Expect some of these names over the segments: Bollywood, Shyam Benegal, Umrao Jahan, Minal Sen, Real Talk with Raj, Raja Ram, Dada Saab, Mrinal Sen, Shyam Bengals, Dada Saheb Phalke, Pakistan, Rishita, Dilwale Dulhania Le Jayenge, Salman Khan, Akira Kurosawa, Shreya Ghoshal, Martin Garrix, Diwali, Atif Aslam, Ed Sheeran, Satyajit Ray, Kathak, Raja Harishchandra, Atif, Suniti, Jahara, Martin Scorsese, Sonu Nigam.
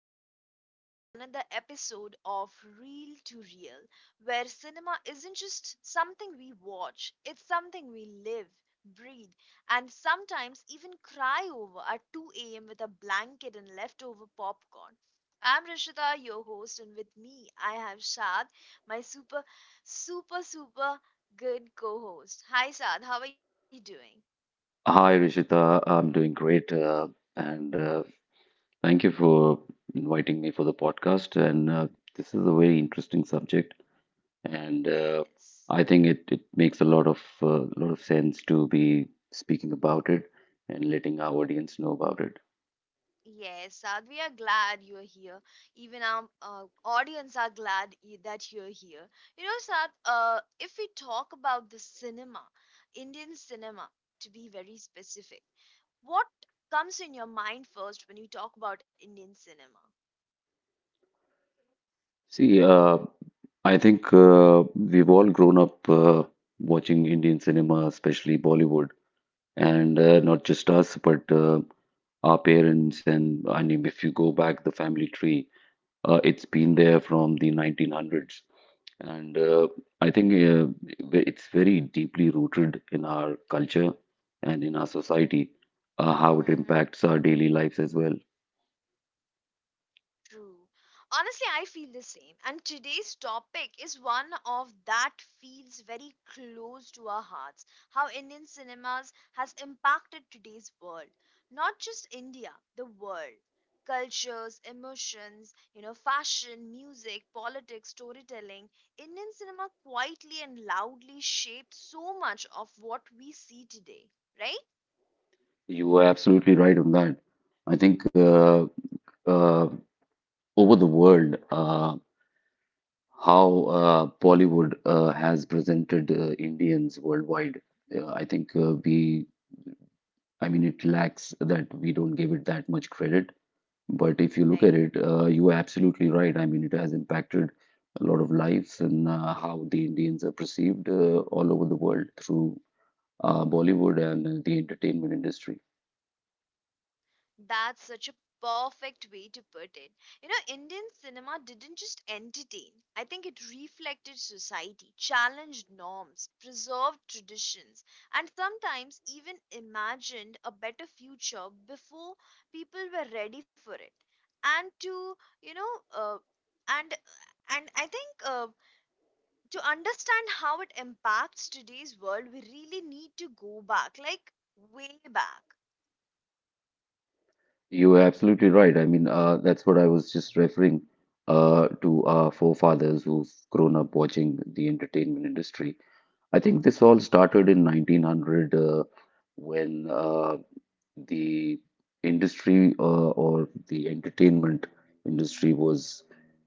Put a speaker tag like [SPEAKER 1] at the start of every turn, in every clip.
[SPEAKER 1] welcome back to another episode of Real to Real, where cinema isn't just something we watch, it's something we live, breathe, and sometimes even cry over at 2 a.m. with a blanket and leftover popcorn. I'm Rishita, your host, and with me I have Shad, my super good co host. Hi, Shad, how are you doing?
[SPEAKER 2] Hi, Rishita. I'm doing great. And thank you for inviting me for the podcast. And This is a very interesting subject. And
[SPEAKER 1] Yes.
[SPEAKER 2] I think it makes a lot of sense to be speaking about it and letting our audience know about it.
[SPEAKER 1] Yes, Sad, we are glad you're here. Even our audience are glad that you're here. You know, Sad, if we talk about the cinema, Indian cinema, to be very specific, what comes in your mind first when you talk about Indian cinema?
[SPEAKER 2] See, uh, I think we've all grown up watching Indian cinema, especially Bollywood, and not just us, but our parents. And I mean, if you go back the family tree, it's been there from the 1900s, and I think it's very deeply rooted in our culture and in our society, how it
[SPEAKER 1] Mm-hmm.
[SPEAKER 2] impacts our daily lives as well.
[SPEAKER 1] True. Honestly, I feel the same. And today's topic is one of that feels very close to our hearts. How Indian cinemas has impacted today's world. Not just India, the world. Cultures, emotions, you know, fashion, music, politics, storytelling. Indian cinema quietly and loudly shaped so much of what we see today, right?
[SPEAKER 2] You are absolutely right on that. I think uh, Over the world, how Bollywood has presented Indians worldwide. Uh, I think uh, we, I mean, it lacks that we don't give it that much credit. But if you look at
[SPEAKER 1] Right.
[SPEAKER 2] it, you are absolutely right. I mean, it has impacted a lot of lives, and how the Indians are perceived all over the world through Bollywood and the entertainment industry.
[SPEAKER 1] That's such a perfect way to put it. You know, Indian cinema didn't just entertain, I think it reflected society, challenged norms, preserved traditions, and sometimes even imagined a better future before people were ready for it. And to, you know, and and I think to understand how it impacts today's world, we really need to go back, like way back.
[SPEAKER 2] You are absolutely right. I mean, that's what I was just referring to, our forefathers who've grown up watching the entertainment industry. I think this all started in 1900 when the industry or the entertainment industry was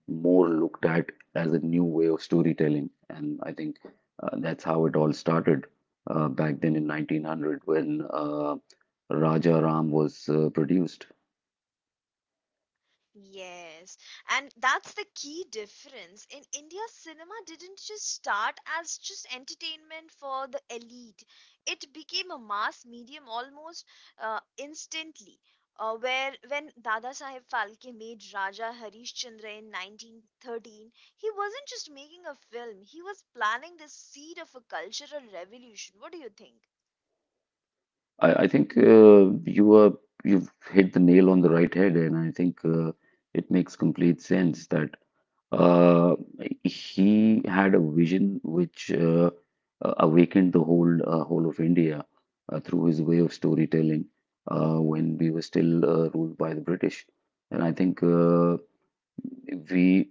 [SPEAKER 2] more looked at as a new way of storytelling. And I think that's how it all started back then in 1900 when Raja Ram was produced.
[SPEAKER 1] Yes, and that's the key difference. In India, cinema didn't just start as just entertainment for the elite, it became a mass medium almost instantly. Where when Dada Saheb Phalke made Raja Harishchandra in 1913, he wasn't just making a film; he was planting the seed of a cultural revolution. What do you think?
[SPEAKER 2] I think you are — you've hit the nail on the right head, and I think it makes complete sense that uh, he had a vision which awakened the whole whole of India through his way of storytelling, when we were still ruled by the British. And I think we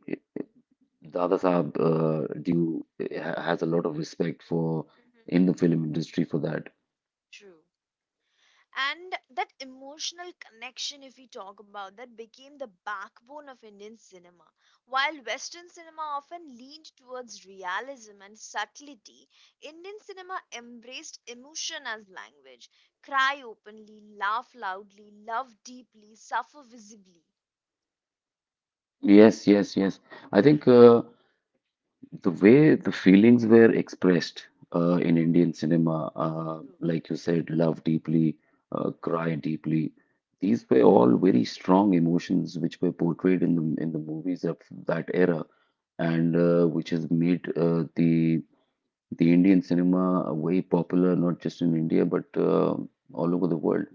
[SPEAKER 2] Dada Saab has a lot of respect for,
[SPEAKER 1] Hmm.
[SPEAKER 2] in the film industry, for that.
[SPEAKER 1] True. And that emotional connection, if we talk about that, became the backbone of Indian cinema. While Western cinema often leaned towards realism and subtlety, Indian cinema embraced emotion as language. Cry openly, laugh loudly, love deeply, suffer visibly.
[SPEAKER 2] Yes, yes, yes. I think the way the feelings were expressed in
[SPEAKER 1] Mhm.
[SPEAKER 2] Indian cinema,
[SPEAKER 1] True.
[SPEAKER 2] like you said, love deeply, cry deeply. These were all very strong emotions which were portrayed in the movies of that era, and which has made the Indian cinema way popular, not just in India but all over the world.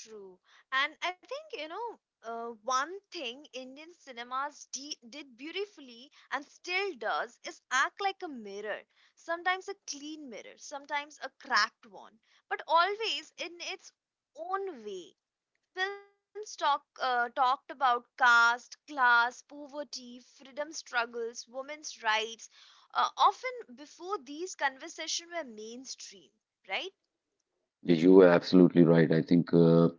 [SPEAKER 1] True. And I think, you know, one thing Indian cinemas did beautifully and still does is act like a mirror. Sometimes a clean mirror, sometimes a cracked one, but always in its own way. Films talked about caste, class, poverty, freedom struggles, women's rights, often before these conversations were mainstream, right?
[SPEAKER 2] Yes, you are absolutely right, I think. Uh,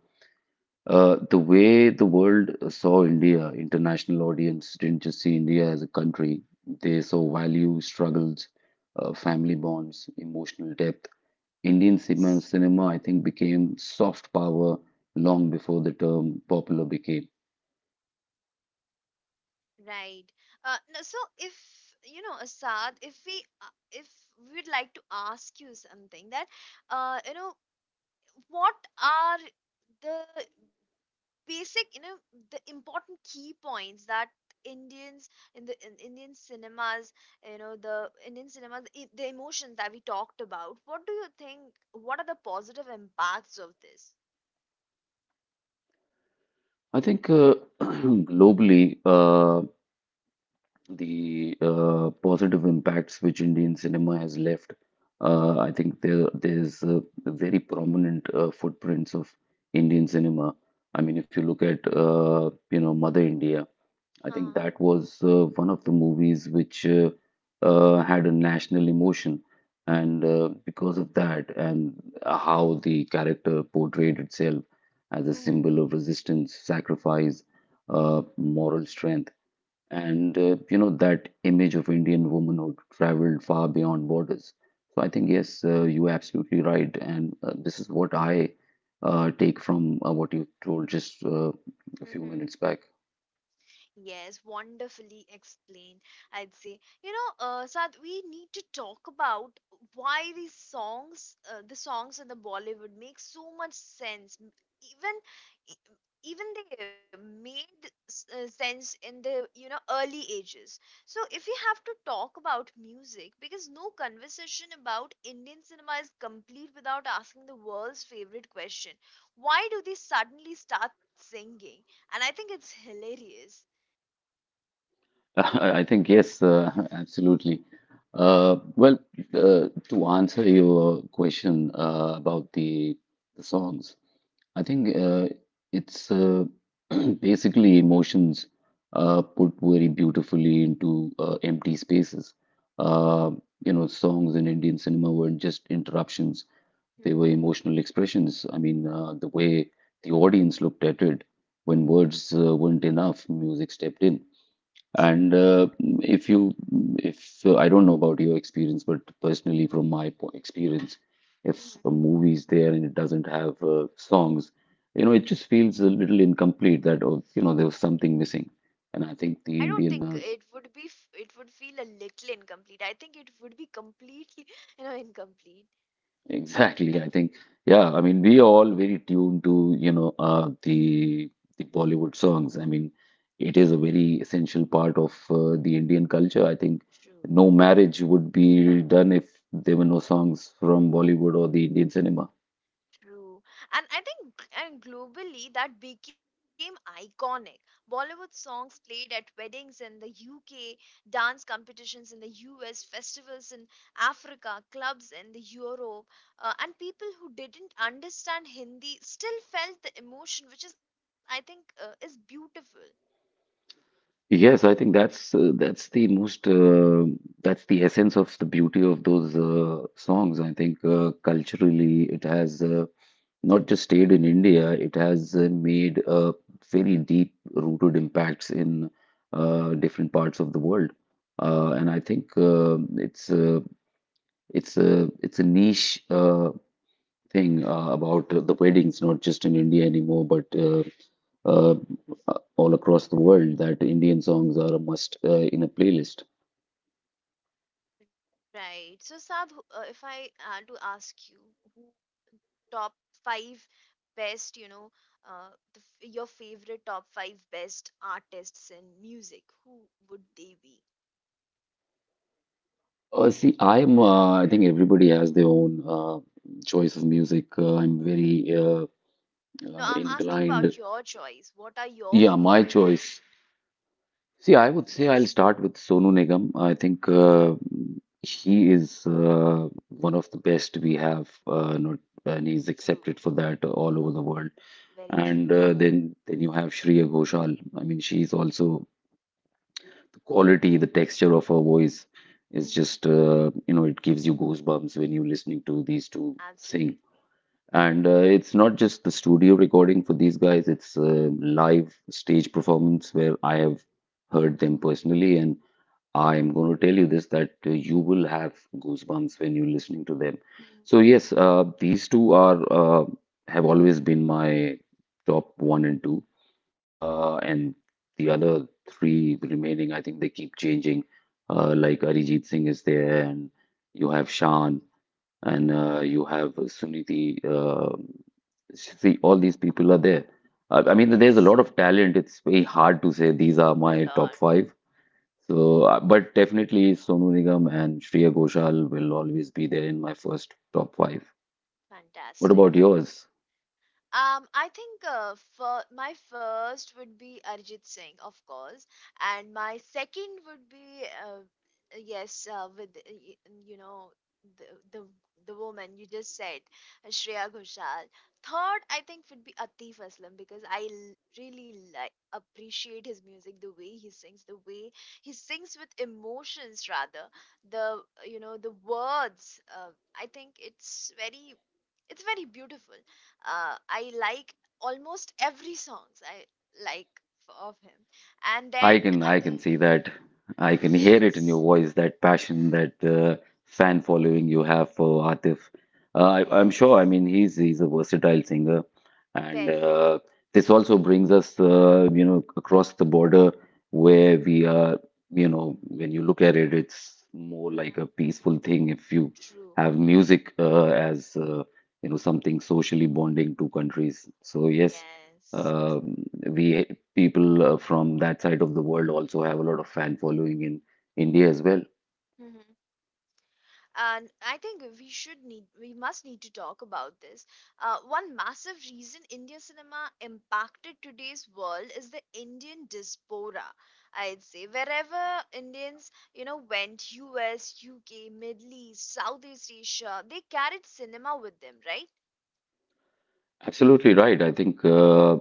[SPEAKER 2] Uh, The way the world saw India, international audience didn't just see India as a country. They saw values, struggles, family bonds, emotional depth. Indian cinema,
[SPEAKER 1] Yes.
[SPEAKER 2] cinema, I think, became soft power long before the term popular became.
[SPEAKER 1] Right. No, so if you know Asad, if we'd like to ask you something that, uh, you know what are the basic, you know, the important key points that Indians in the in Indian cinemas, you know, the Indian cinemas the emotions that we talked about. What do you think? What are the positive impacts of this?
[SPEAKER 2] I think globally, the positive impacts which Indian cinema has left. I think there's very prominent footprints of Indian cinema. I mean, if you look at you know, Mother India, I think
[SPEAKER 1] Uh-huh.
[SPEAKER 2] that was one of the movies which had a national emotion, and because of that, and how the character portrayed itself as a symbol of resistance, sacrifice, moral strength, and you know, that image of Indian womanhood traveled far beyond borders. So I think yes, you're absolutely right, and this is what I take from what you told just a few
[SPEAKER 1] Mm-hmm.
[SPEAKER 2] minutes back.
[SPEAKER 1] Yes, wonderfully explained, I'd say. You know, Sad, we need to talk about why these songs, the songs in the Bollywood make so much sense. Even, e- Even they made sense in the, you know, early ages. So if we have to talk about music, because no conversation about Indian cinema is complete without asking the world's favorite question. Why do they suddenly start singing? And I think it's hilarious.
[SPEAKER 2] I think yes, absolutely. Well, to answer your question about the songs, I think it's basically emotions put very beautifully into empty spaces. Uh, you know, songs in Indian cinema weren't just interruptions, they were
[SPEAKER 1] Mm-hmm.
[SPEAKER 2] emotional expressions. I mean, the way the audience looked at it, when words weren't enough, music stepped in. And
[SPEAKER 1] True.
[SPEAKER 2] if you, if I don't know about your experience, but personally, from my experience, if a
[SPEAKER 1] Hmm.
[SPEAKER 2] movie is there and it doesn't have songs, you know, it just feels a little incomplete, that, oh, you know, there was something missing. And I
[SPEAKER 1] I
[SPEAKER 2] think
[SPEAKER 1] don't
[SPEAKER 2] the
[SPEAKER 1] think
[SPEAKER 2] Indian
[SPEAKER 1] it would be, it would feel a little incomplete. I think it would be completely, you know, incomplete.
[SPEAKER 2] Exactly. I think, yeah, I mean, we are all very tuned to, you know, the Bollywood songs. I mean, it is a very essential part of the Indian culture. I think
[SPEAKER 1] True,
[SPEAKER 2] no marriage would be done if there were no songs from Bollywood or the Indian cinema.
[SPEAKER 1] true. And I think, and globally, that became iconic. Bollywood songs played at weddings in the UK, dance competitions in the US, festivals in Africa, clubs in the Europe, and people who didn't understand Hindi still felt the emotion, which is, I think, is beautiful.
[SPEAKER 2] Yes, I think that's the most that's the essence of the beauty of those songs. I think culturally it has not just stayed in India, it has made very deep rooted impacts in different parts of the world. And I think it's a niche thing about the weddings, not just in India anymore, but uh, all across the world, that Indian songs are a must in a playlist.
[SPEAKER 1] Right. So, Sab, if I had to ask you, who top five best, you know, your favorite top five best artists in music, who would they be?
[SPEAKER 2] See, I think everybody has their own choice of music. I'm very
[SPEAKER 1] No, I'm asking
[SPEAKER 2] inclined.
[SPEAKER 1] about your choice. What are your
[SPEAKER 2] Yeah, my
[SPEAKER 1] favorite, you know?
[SPEAKER 2] choice. See, I would say I'll
[SPEAKER 1] Yes,
[SPEAKER 2] start with Sonu Nigam. I think he is one of the best we have, not, and he's accepted
[SPEAKER 1] true.
[SPEAKER 2] for that all over the world.
[SPEAKER 1] Very true.
[SPEAKER 2] And then you have Shreya Ghoshal. I mean, she's also quality. The texture of her voice is
[SPEAKER 1] Mhm.
[SPEAKER 2] just, you know, it gives you goosebumps when you're listening to these two sing.
[SPEAKER 1] Absolutely.
[SPEAKER 2] And it's not just the studio recording for these guys, it's a live stage performance where I have heard them personally. And I am going to tell you this, that you will have goosebumps when you're listening to them.
[SPEAKER 1] Mhm.
[SPEAKER 2] So, yes, these two are have always been my top one and two, and the other three remaining, I think they keep changing. Like Arijit Singh is there, and you have Shan, and you have Suniti. See, all these people are there. I mean, there's a
[SPEAKER 1] Yes,
[SPEAKER 2] lot of talent. It's very hard to say these are
[SPEAKER 1] a
[SPEAKER 2] my top
[SPEAKER 1] lot.
[SPEAKER 2] five. So, but definitely Sonu Nigam and Shreya Ghoshal will always be there in my first top five. What about
[SPEAKER 1] Fantastic.
[SPEAKER 2] yours?
[SPEAKER 1] I think for my first would be Arjit Singh, of course, and my second would be, yes, with y- you know the the the woman you just said, Shreya Ghoshal. Third, I think would be Atif Aslam because I really like, appreciate his music, the way he sings, the way he sings with emotions rather, the you know the words. I think it's very beautiful. I like almost every songs I like of him. And then
[SPEAKER 2] I can
[SPEAKER 1] I
[SPEAKER 2] I can
[SPEAKER 1] think
[SPEAKER 2] see that. I can hear it in your
[SPEAKER 1] yes,
[SPEAKER 2] voice, that passion, that fan following you have for Atif. I'm sure. I
[SPEAKER 1] yes,
[SPEAKER 2] mean, he's a versatile singer, and
[SPEAKER 1] very
[SPEAKER 2] this also brings us, you know, across the border where we are. You know, when you look at it, it's more like a
[SPEAKER 1] hmm,
[SPEAKER 2] peaceful thing. If you
[SPEAKER 1] true.
[SPEAKER 2] have music as, you know, something socially bonding two countries, so yes,
[SPEAKER 1] Yes.
[SPEAKER 2] um we people from that side of the world also have a lot of fan following in India as well.
[SPEAKER 1] And I think we must need to talk about this. One massive reason Indian cinema impacted today's world is the Indian diaspora, I'd say. Wherever Indians, you know, went, US, UK, Middle East, Southeast Asia, they carried cinema with them, right?
[SPEAKER 2] Absolutely right. I think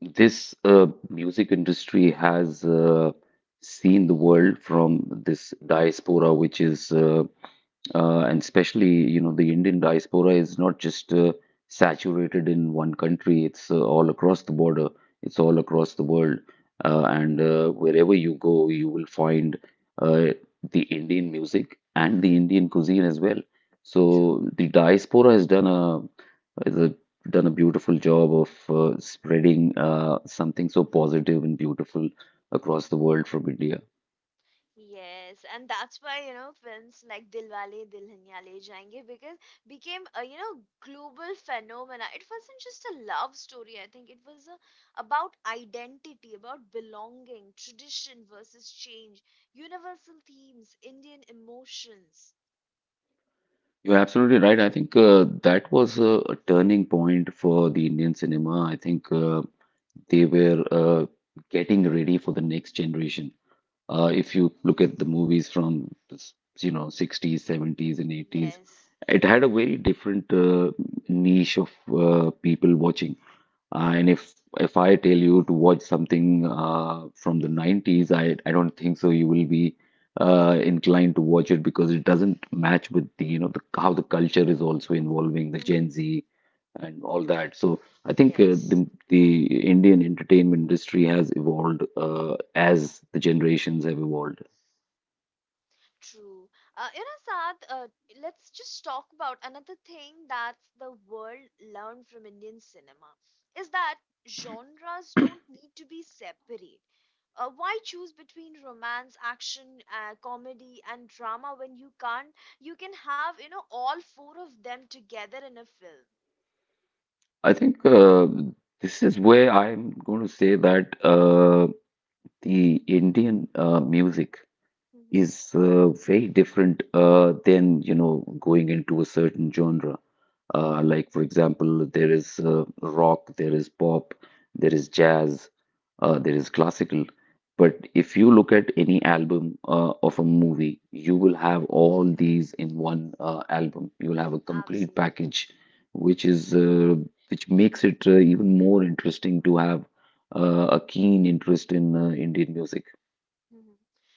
[SPEAKER 2] this music industry has seen the world from this diaspora, which is and especially, you know, the Indian diaspora is not just saturated in one country, it's all across the border, it's all across the world, and wherever you go, you will find uh, the Indian music and the Indian cuisine as well.
[SPEAKER 1] True.
[SPEAKER 2] So the diaspora has done has a, done a beautiful job of spreading something so positive and beautiful across the world from India.
[SPEAKER 1] Yes, and that's why, you know, films like Dilwale Dulhania Le Jayenge because became a, you know, global phenomena. It wasn't just a love story, I think it was a, about identity, about belonging, tradition versus change, universal themes, Indian emotions.
[SPEAKER 2] You're absolutely right. I think that was a turning point for the Indian cinema. I think they were getting ready for the next generation. If you look at the movies from, you know, 60s, 70s, and 80s,
[SPEAKER 1] Yes,
[SPEAKER 2] it had a very different niche of people watching. And if I tell you to watch something from the 90s, I don't think so you will be inclined to watch it, because it doesn't match with the, you know, the how the culture is also involving the Gen
[SPEAKER 1] hmm,
[SPEAKER 2] Z and all that. So I think
[SPEAKER 1] yes.
[SPEAKER 2] the Indian entertainment industry has evolved as the generations have evolved.
[SPEAKER 1] True. You know, Saad, let's just talk about another thing that the world learned from Indian cinema is that genres don't need to be separate. Why choose between romance, action, comedy, and drama when you can't? You can have, you know, all four of them together in a film.
[SPEAKER 2] I think this is where I'm going to say that the Indian music
[SPEAKER 1] Mhm.
[SPEAKER 2] is very different than, you know, going into a certain genre. Like for example, there is rock, there is pop, there is jazz, there is classical. But if you look at any album of a movie, you will have all these in one album. You will have a complete
[SPEAKER 1] Absolutely.
[SPEAKER 2] package, which is which makes it even more interesting to have a keen interest in Indian music.
[SPEAKER 1] Mhm.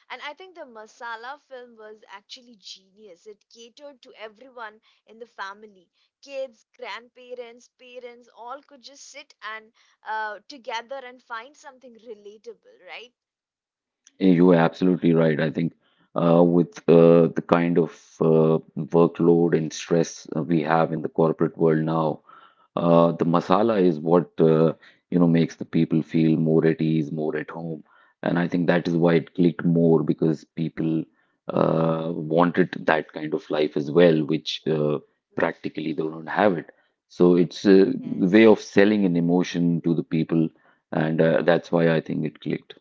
[SPEAKER 1] And I think the Masala film was actually genius. It catered to everyone in the family. Kids, grandparents, parents, all could just sit and, together and find something relatable, right?
[SPEAKER 2] Yeah, you are absolutely right. I think with the kind of workload and stress we have in the corporate world now, the masala is what makes the people feel more at ease, more at home, and I think that is why it clicked more because people wanted that kind of life as well, which
[SPEAKER 1] Mhm.
[SPEAKER 2] practically they don't have it. So it's a way
[SPEAKER 1] Yes.
[SPEAKER 2] of selling an emotion to the people, and that's why I think it clicked.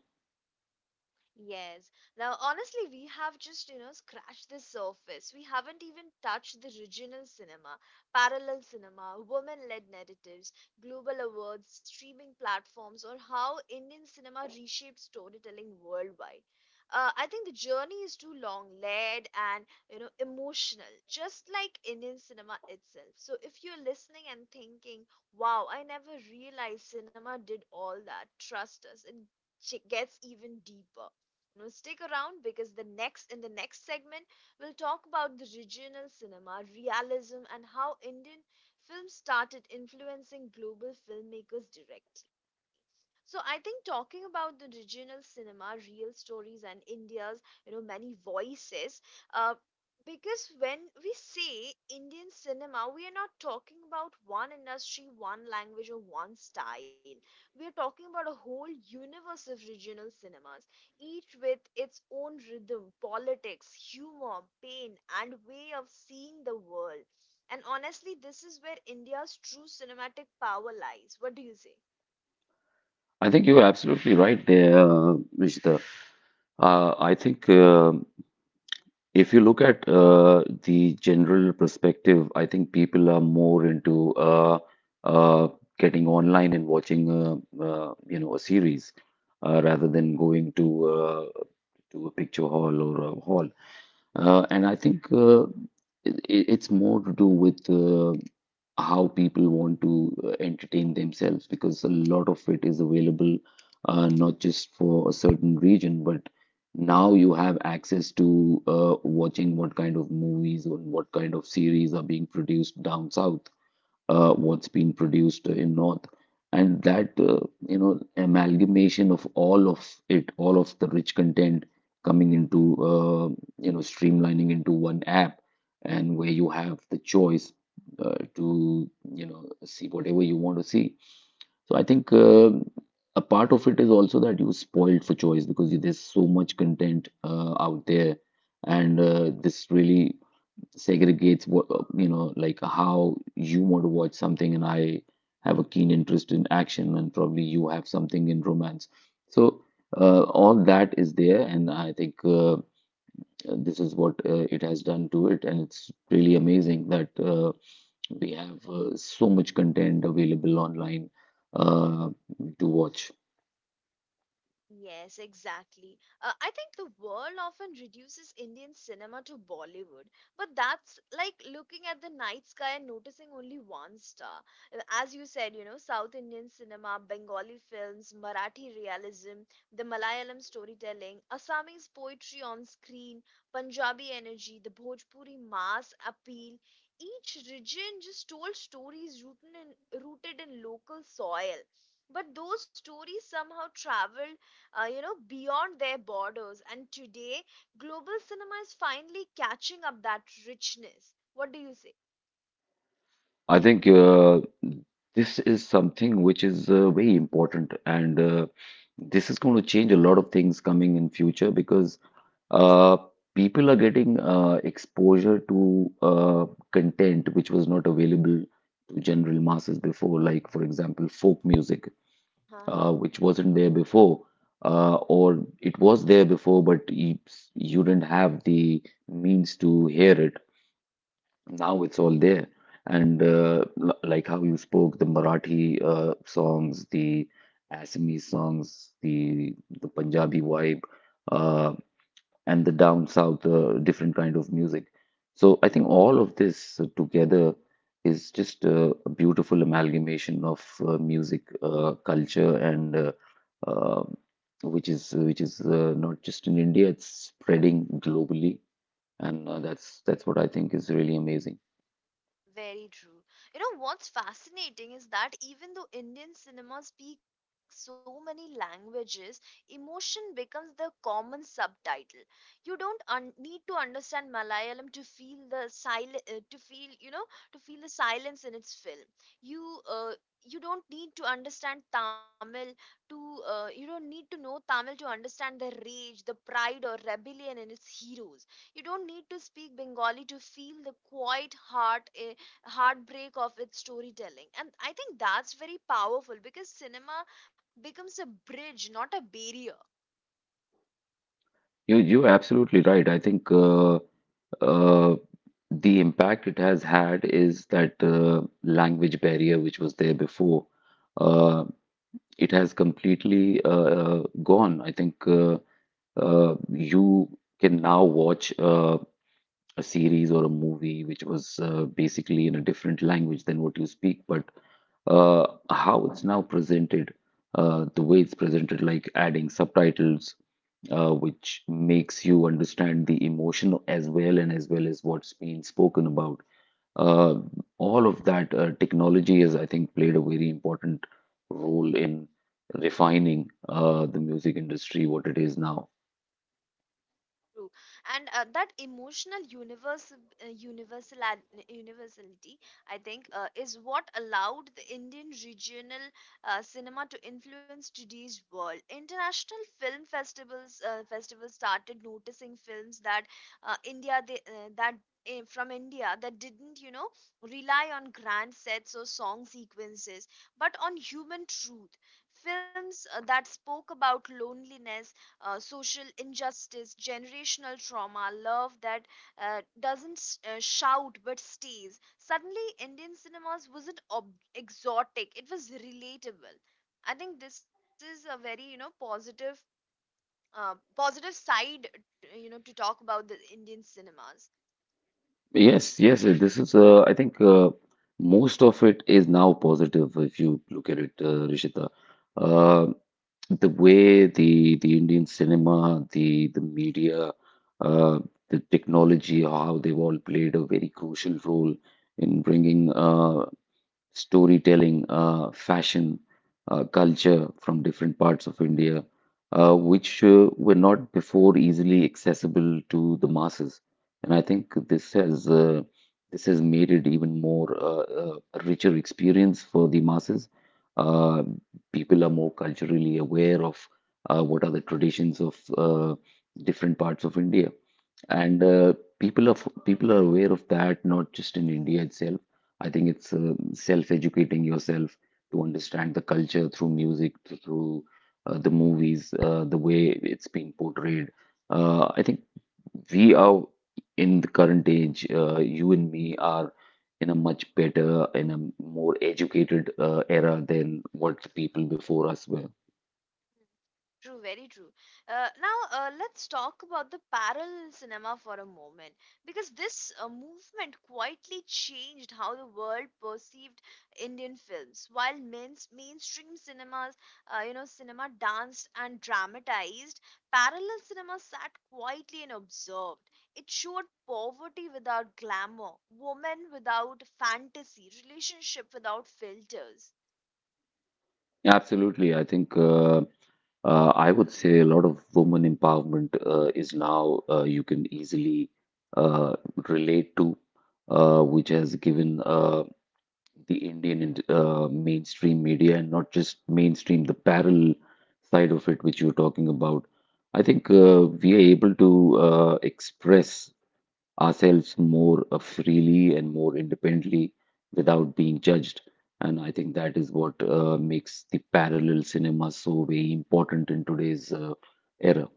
[SPEAKER 1] Yes. Now, honestly, we have just, you know, scratched the surface. We haven't even touched the regional cinema, parallel cinema, women led narratives, global awards, streaming platforms, or how Indian cinema reshapes storytelling worldwide. I think the journey is too long, layered, and, you know, emotional, just like Indian cinema itself. So, if you're listening and thinking, wow, I never realized cinema did all that, trust us, it gets even deeper. Now stick around, because the next in the next segment we'll talk about the regional cinema, realism and how Indian film started influencing global filmmakers directly. So I think talking about the regional cinema, real stories and India's, you know, many voices, uh, because when we say Indian cinema, we are not talking about one industry, one language, or one style. We are talking about a whole universe of regional cinemas, each with its own rhythm, politics, humor, pain, and way of seeing the world. And honestly, this is where India's true cinematic power lies. What do you say?
[SPEAKER 2] I think you are absolutely right there, Nishita. I think if you look at the general perspective, I think people are more into uh, getting online and watching, a series rather than going to a picture hall or a hall. And I think it, it's more to do with how people want to entertain themselves because a lot of it is available not just for a certain region, but now you have access to watching what kind of movies or what kind of series are being produced down south, what's been produced in north, and that amalgamation of all of it, all of the rich content coming into streamlining into one app, and where you have the choice to you know see whatever you want to see. So I think a part of it is also that you spoiled for choice because you, there's so much content out there, and this really segregates what like how you want to watch something, and I have a keen interest in action and probably you have something in romance. So all that is there, and I think this is what it has done to it, and it's really amazing that we have so much content available online uh, to watch.
[SPEAKER 1] Yes, exactly. I think the world often reduces Indian cinema to Bollywood, but that's like looking at the night sky and noticing only one star. As you said, you know, South Indian cinema, Bengali films, Marathi realism, the Malayalam storytelling, Assamese poetry on screen, Punjabi energy, the Bhojpuri mass appeal. Each region just told stories rooted in local soil, but those stories somehow traveled, you know, beyond their borders. And today, global cinema is finally catching up that richness. What do you say?
[SPEAKER 2] I think this is something which is very important, and this is going to change a lot of things coming in future because
[SPEAKER 1] True.
[SPEAKER 2] uh, people are getting exposure to content which was not available to general masses before, like for example, folk music, which wasn't there before, or it was there before, but you didn't have the means to hear it. Now it's all there. And like how you spoke, the Marathi songs, the Assamese songs, the Punjabi vibe, uh, and the down south different kind of music. So I think all of this together is just a beautiful amalgamation of music, culture, and uh, which is not just in India, it's spreading globally, and that's what I think is really amazing.
[SPEAKER 1] Very true. You know, what's fascinating is that even though Indian cinema speaks so many languages, emotion becomes the common subtitle. You don't need to understand Malayalam to feel the to feel the silence in its film. You you don't need to understand Tamil to You don't need to know Tamil to understand the rage, the pride or rebellion in its heroes. You don't need to speak Bengali to feel the quiet heartbreak of its storytelling. And I think that's very powerful because cinema becomes a bridge, not a barrier.
[SPEAKER 2] You're absolutely right. I think uh, the impact it has had is that language barrier which was there before, uh, it has completely gone. I think you can now watch a series or a movie which was basically in a different language than what you speak, but how it's now presented, the way it's presented, like adding subtitles which makes you understand the emotion as well and as well as what's being spoken about. Uh, all of that technology has, I think, played a very important role in refining the music industry, what it is now.
[SPEAKER 1] True, and that emotional universe, universal universality, I think, is what allowed the Indian regional cinema to influence today's world. International film festivals festivals started noticing films that India they, that eh, from India that didn't, you know, rely on grand sets or song sequences, but on human truth. Films that spoke about loneliness, social injustice, generational trauma, love that doesn't shout but stays. Suddenly, Indian cinemas wasn't exotic; it was relatable. I think this is a very, you know, positive side, you know, to talk about the Indian cinemas.
[SPEAKER 2] Yes, yes, this is, I think, most of it is now positive if you look at it, Rishita. Uh, the way the Indian cinema, the media, uh, the technology, how they've all played a very crucial role in bringing storytelling, fashion, culture from different parts of India, which were not before easily accessible to the masses. And I think this has made it even more a richer experience for the masses. Uh, people are more culturally aware of what are the traditions of different parts of India, and people are f- people are aware of that not just in India itself. I think it's self-educating yourself to understand the culture through music, through the movies, the way it's been portrayed. I think we are in the current age, you and me are in a much better, in a more educated era than what the people before us were.
[SPEAKER 1] True, very true. Now, let's talk about the parallel cinema for a moment because this movement quietly changed how the world perceived Indian films. While mainstream cinemas, you know, cinema danced and dramatized, parallel cinema sat quietly and observed. It showed poverty without glamour, women without fantasy, relationship without filters.
[SPEAKER 2] Absolutely. I think I would say a lot of woman empowerment is now you can easily uh, relate to, which has given the Indian and mainstream media, and not just mainstream, the parallel side of it, which you're talking about. I think we are able to express ourselves more freely and more independently without being judged. And I think that is what makes the parallel cinema so very important in today's era.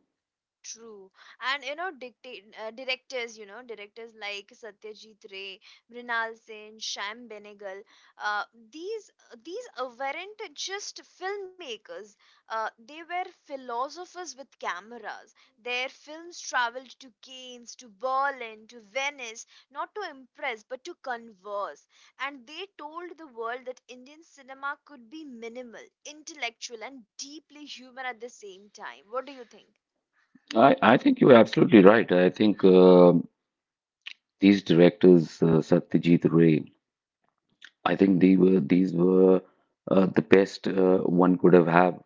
[SPEAKER 1] True. And you know, dictate directors, you know, directors like Satyajit Ray, Mrinal Sen, Shyam Benegal, uh, these these weren't just filmmakers. They were philosophers with cameras. Their films traveled to Cannes, to Berlin, to Venice, not to impress, but to converse. And they told the world that Indian cinema could be minimal, intellectual, and deeply human at the same time. What do you think?
[SPEAKER 2] I think you're absolutely right. I think these directors, Satyajit Ray, I think they were these were the best one could have had,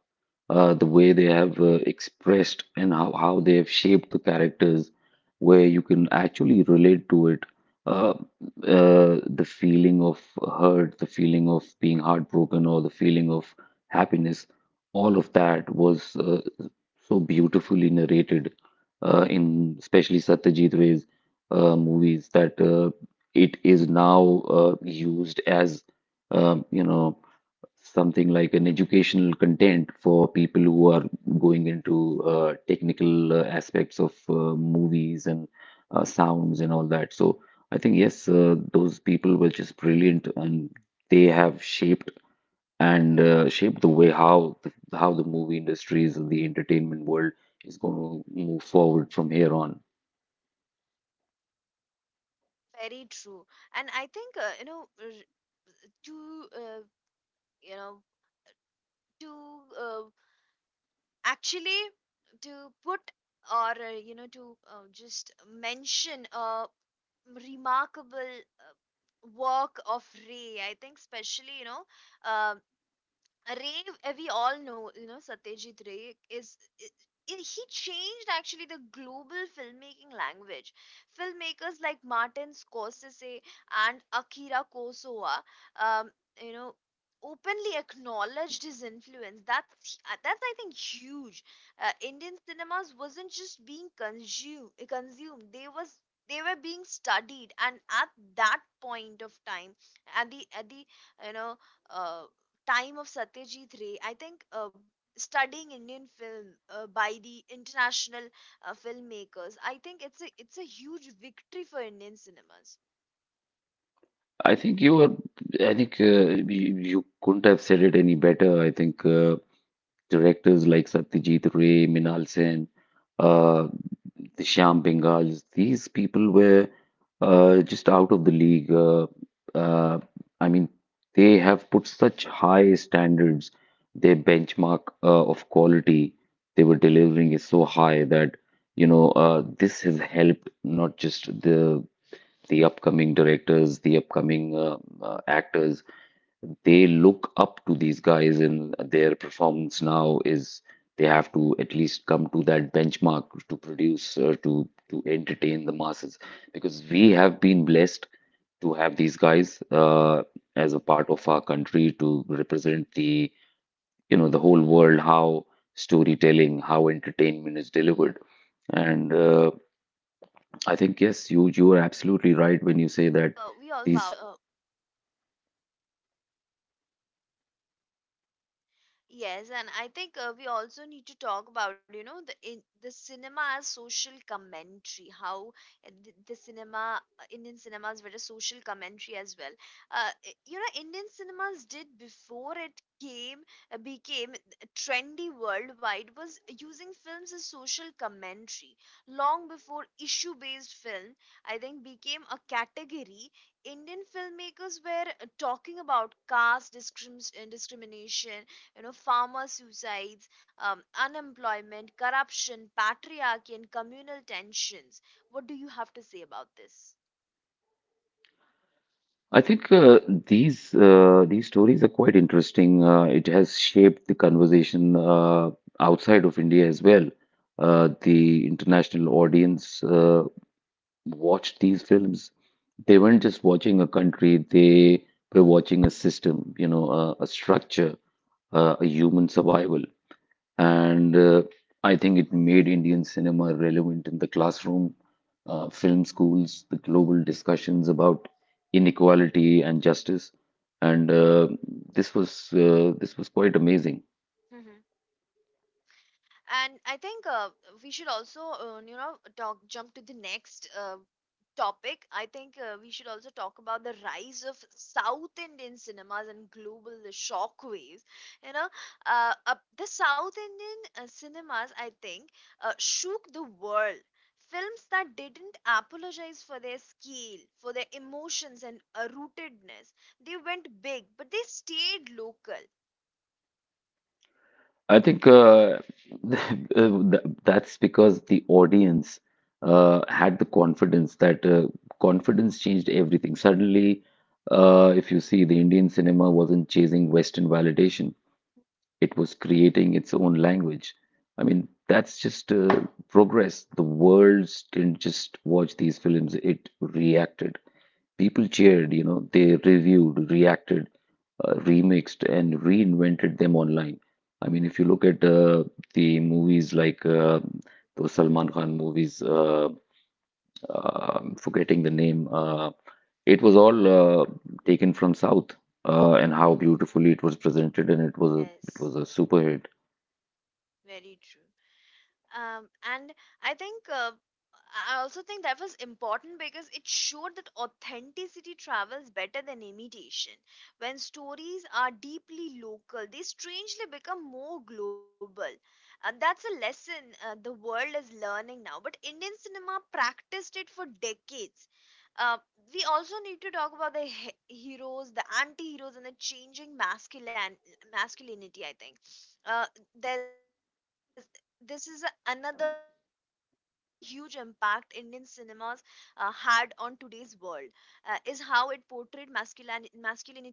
[SPEAKER 2] the way they have expressed and how they have shaped the characters, where you can actually relate to it. Uh, the feeling of hurt, the feeling of being heartbroken, or the feeling of happiness, all of that was so beautifully narrated in especially Satyajit Ray's movies that it is now used as um, you know something like an educational content for people who are going into technical aspects of movies and sounds and all that. So I think yes, those people were just brilliant, and they have shaped and shaped the way how how the movie industry is, the entertainment world is going to move forward from here on.
[SPEAKER 1] Very true. And I think, to you know to uh, actually to put or to just mention a remarkable uh, work of Ray, I think, especially, um, Ray, we all know, Satyajit Ray is. He changed actually the global filmmaking language. Filmmakers like Martin Scorsese and Akira Kurosawa um, you know, openly acknowledged his influence. That's I think huge. Indian cinemas wasn't just being consumed. They were being studied, and at that point of time, at the you know uh, time of Satyajit Ray, I think, studying Indian film by the international filmmakers, I think it's a huge victory for Indian cinemas.
[SPEAKER 2] I think you are. I think you, you couldn't have said it any better. I think. Directors like Satyajit Ray, Minal Sen, uh, the Shyam Bengals, these people were just out of the league. Uh, I mean, they have put such high standards. Their benchmark of quality they were delivering is so high that you know this has helped not just the upcoming directors, the upcoming actors, they look up to these guys, and their performance now is they have to at least come to that benchmark to produce to entertain the masses because we have been blessed to have these guys as a part of our country to represent the you know the whole world how storytelling, how entertainment is delivered. And
[SPEAKER 1] Mhm. Um,
[SPEAKER 2] I
[SPEAKER 1] and
[SPEAKER 2] think
[SPEAKER 1] I
[SPEAKER 2] yes,
[SPEAKER 1] think
[SPEAKER 2] you you are
[SPEAKER 1] we also
[SPEAKER 2] absolutely
[SPEAKER 1] need to
[SPEAKER 2] right when
[SPEAKER 1] talk
[SPEAKER 2] you say that
[SPEAKER 1] about
[SPEAKER 2] these.
[SPEAKER 1] Yes, and I think we also need to talk about, the cinema as social commentary, how the cinema, Indian cinemas were a social commentary as well. Indian cinemas did before it came became trendy worldwide was using films as social commentary. Long before issue-based film, I think, became a category, Indian filmmakers were talking about caste discrimination, farmer suicides, unemployment, corruption, patriarchy, and communal tensions. What do you have to say about this?
[SPEAKER 2] I think these stories are quite interesting. It has shaped the conversation outside of India as well. The international audience watched these films. They weren't just watching a country; they were watching a system, you know, a structure, a human survival. And I think it made Indian cinema relevant in the classroom, film schools, the global discussions about inequality and justice. And
[SPEAKER 1] True.
[SPEAKER 2] this was quite amazing.
[SPEAKER 1] And I think we should also talk jump to the next topic. I think we should also talk about the rise of South Indian cinemas and global shockwaves. You know uh, uh, the South Indian cinemas, I think, shook the world. Films that didn't apologize for their scale, for their emotions, and rootedness. They went big, but they stayed local.
[SPEAKER 2] I think that's because the audience had the confidence that confidence changed everything. Suddenly, if you see, the Indian cinema wasn't chasing Western validation. It was creating its own language. I mean, that's just progress. The world didn't just watch these films, it reacted. People cheered, you know, they reviewed, reacted, remixed, and reinvented them online. I mean, if you look at the movies like those Salman Khan movies, forgetting the name, it was all uh, taken from South. And how beautifully it was presented, and it
[SPEAKER 1] Yes.
[SPEAKER 2] was a super hit.
[SPEAKER 1] Very true. Um, and I think uh, I also think that was important because it showed that authenticity travels better than imitation. When stories are deeply local, they strangely become more global. And that's a lesson the world is learning now. But Indian cinema practiced it for decades. Uh, we also need to talk about the heroes, the anti heroes, and the changing masculinity, I think. Uh, there's this is a- Another huge impact Indian cinemas had on today's world is how it portrayed masculine masculinity over time.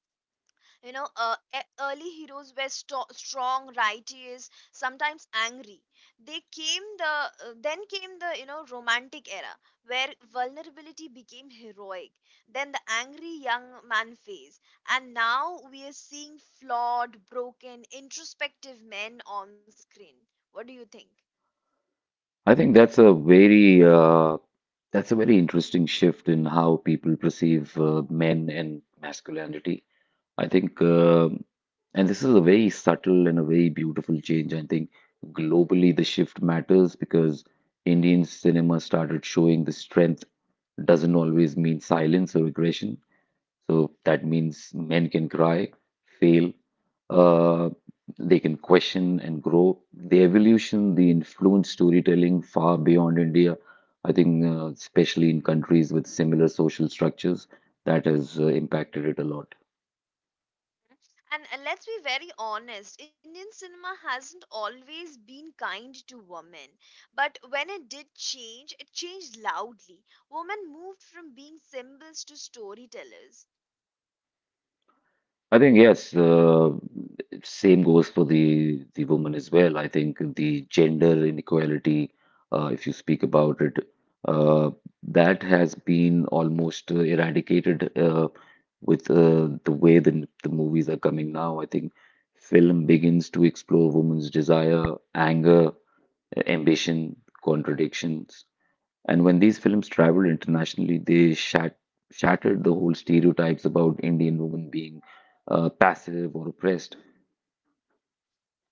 [SPEAKER 1] You know uh, e- early heroes were strong, righteous, sometimes angry. They came the uh, then came the romantic era, where vulnerability became heroic, then the angry young man phase, and now we are seeing flawed, broken, introspective men on screen. What do you think?
[SPEAKER 2] I think that's a very interesting shift in how people perceive men and masculinity. I think, and this is a very subtle and a very beautiful change. I think globally the shift matters because Indian cinema started showing the strength doesn't always mean silence or aggression. So that means men can cry, fail, uh, they can question and grow. The evolution, the influence storytelling far beyond India, I think, especially in countries with similar social structures, that has impacted it a lot.
[SPEAKER 1] And let's be very honest, Indian cinema hasn't always been kind to women. But when it did change, it changed loudly. Women moved from being symbols to storytellers.
[SPEAKER 2] I think yes, same goes for the woman as well. I think the gender inequality, if you speak about it, uh, that has been almost eradicated with the way the movies are coming now. I think film begins to explore women's desire, anger, ambition, contradictions. And when these films traveled internationally, they shattered the whole stereotypes about Indian women being passive or oppressed.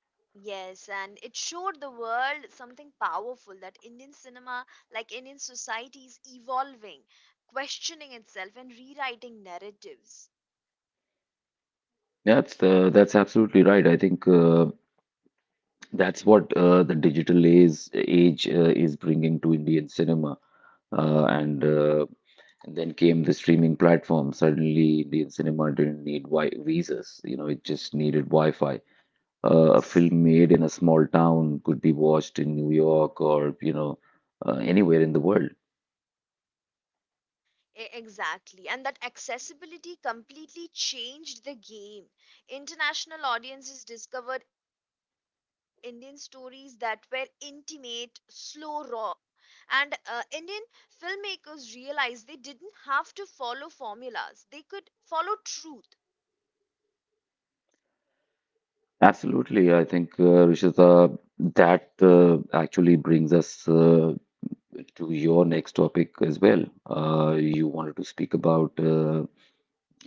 [SPEAKER 1] Yes, and it showed the world something powerful, that Indian cinema, like Indian society, is evolving, questioning itself, and rewriting narratives.
[SPEAKER 2] That's absolutely right. I think that's what age is bringing to Indian cinema. Uh, and, uh, and then came the streaming platform. Suddenly, Indian cinema didn't need wi visas. You know, it just
[SPEAKER 1] Mhm.
[SPEAKER 2] needed Wi-Fi. A film made in a small town could be watched in New York or anywhere in the world.
[SPEAKER 1] Exactly. And that accessibility completely changed the game. International audiences discovered Indian stories that were intimate, slow, raw. And Indian filmmakers realized they didn't have to follow formulas, they could follow truth.
[SPEAKER 2] Absolutely. I think, Rishita, that actually brings us to your next topic as well. You wanted to speak about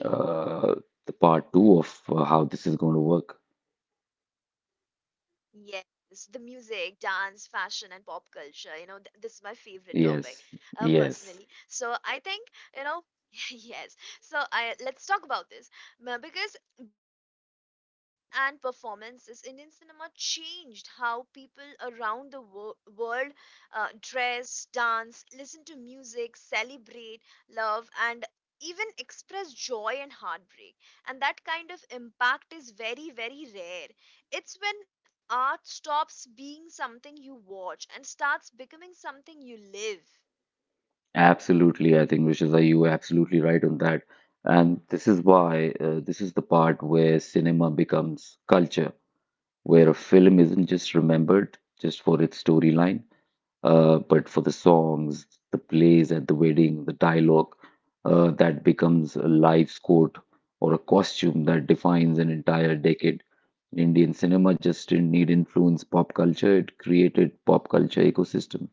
[SPEAKER 2] uh, the part two of how this is going to
[SPEAKER 1] Yes,
[SPEAKER 2] work.
[SPEAKER 1] the music, dance, fashion, and pop culture. You know, th this is my favorite topic, personally. So
[SPEAKER 2] Yes,
[SPEAKER 1] I think, you
[SPEAKER 2] yes,
[SPEAKER 1] know, yes. So I Let's talk about this. Because beyond plots and performances, Indian cinema changed how people around the wo world dress, dance, listen to music, celebrate, love, and even express joy and heartbreak. And that kind of impact is very, very rare. It's when art stops being something you watch and starts becoming something you live.
[SPEAKER 2] absolutely. I think, Rishita, you are absolutely right on that. And this is why this is the part where cinema becomes culture, where a film isn't just remembered just for its storyline but for the songs, the plays at the wedding, the dialogue that becomes a life's coat or a costume that defines an entire decade. Indian cinema just didn't need influence pop culture, it created pop culture ecosystem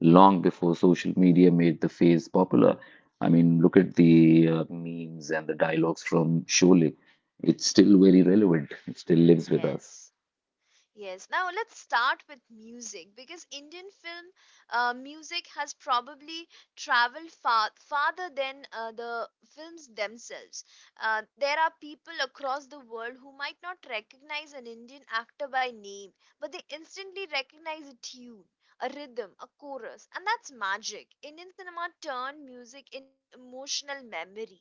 [SPEAKER 2] long before social media made the phase popular. I mean, look at the memes and the dialogues from Sholay. It's
[SPEAKER 1] Mhm.
[SPEAKER 2] still very relevant. It still lives with us.
[SPEAKER 1] Yes. Yes, now let's start with music, because Indian film music has probably traveled farther than the films themselves. There are people across the world who might not recognize an Indian actor by name, but they instantly recognize a tune, a rhythm, a chorus, and that's magic. Indian cinema turned music into emotional memory.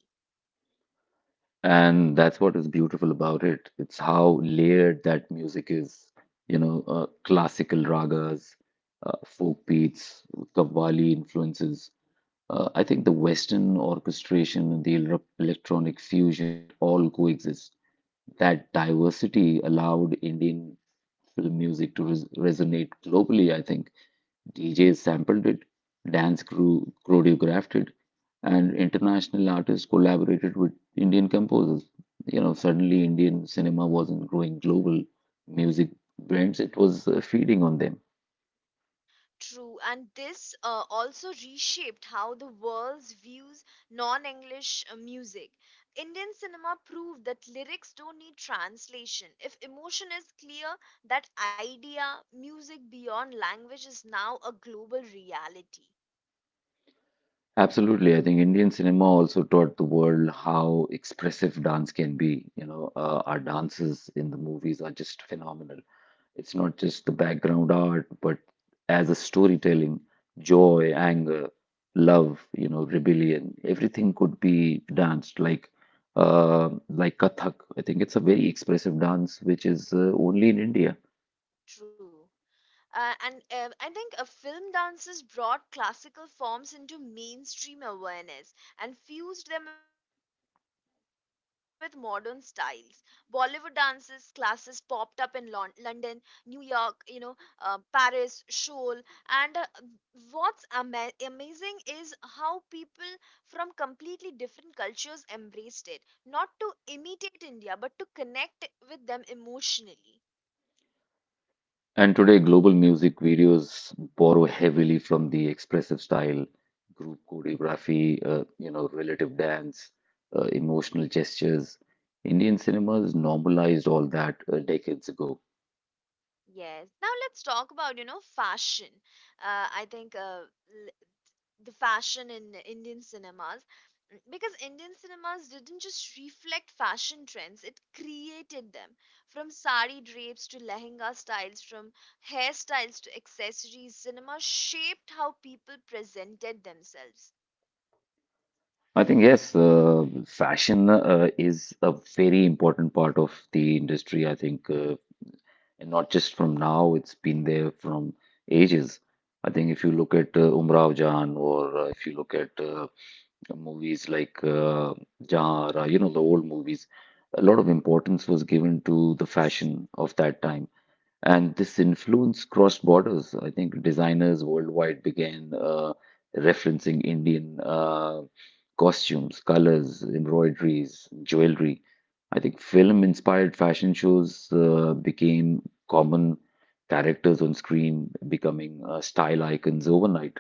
[SPEAKER 2] And that's what is beautiful about it. It's how layered that music is. You know, classical ragas, folk beats, Qawwali influences. I think the Western orchestration and the electronic fusion, it all coexists. That diversity allowed Indian film music to resonate globally, I think. DJs sampled it, dance crew choreographed it, and international artists collaborated with Indian composers. You know, suddenly Indian cinema wasn't growing global music brands, it was feeding on them.
[SPEAKER 1] True, and this also reshaped how the world views non English music. Indian cinema proved that lyrics don't need translation. If emotion is clear, that idea, music beyond language, is now a global reality.
[SPEAKER 2] Absolutely. I think Indian cinema also taught the world how expressive dance can be. You know, our dances in the movies are just phenomenal. It's not just the background art, but as a storytelling, joy, anger, love, you know, rebellion, everything could be danced like Kathak. I think it's a very expressive dance which is only in India.
[SPEAKER 1] True. And I think film dances brought classical forms into mainstream awareness and fused them with modern styles. Bollywood dances classes popped up in London, New York, Paris, Seoul, and what's amazing is how people from completely different cultures embraced it, not to imitate India, but to connect with them emotionally.
[SPEAKER 2] And today, global music videos borrow heavily from the expressive style, group choreography, relative dance, emotional gestures. Indian cinemas normalized all that decades ago.
[SPEAKER 1] Yes. Now let's talk about fashion. I think the fashion in Indian cinemas, because Indian cinemas didn't just reflect fashion trends, it created them. From sari drapes to lehenga styles, from hairstyles to accessories, cinema shaped how people presented themselves.
[SPEAKER 2] I think yes, fashion is a very important part of the industry. I think, and not just from now; it's been there from ages. I think if you look at Umrao Jahan, or if you look at movies like Jahara, you know, the old movies, a lot of importance was given to the
[SPEAKER 1] Yes.
[SPEAKER 2] fashion of that time. And this influence crossed borders. I think designers worldwide began referencing Indian costumes, colors, embroideries, jewelry. I think film-inspired fashion shows became common characters on screen, becoming style icons overnight.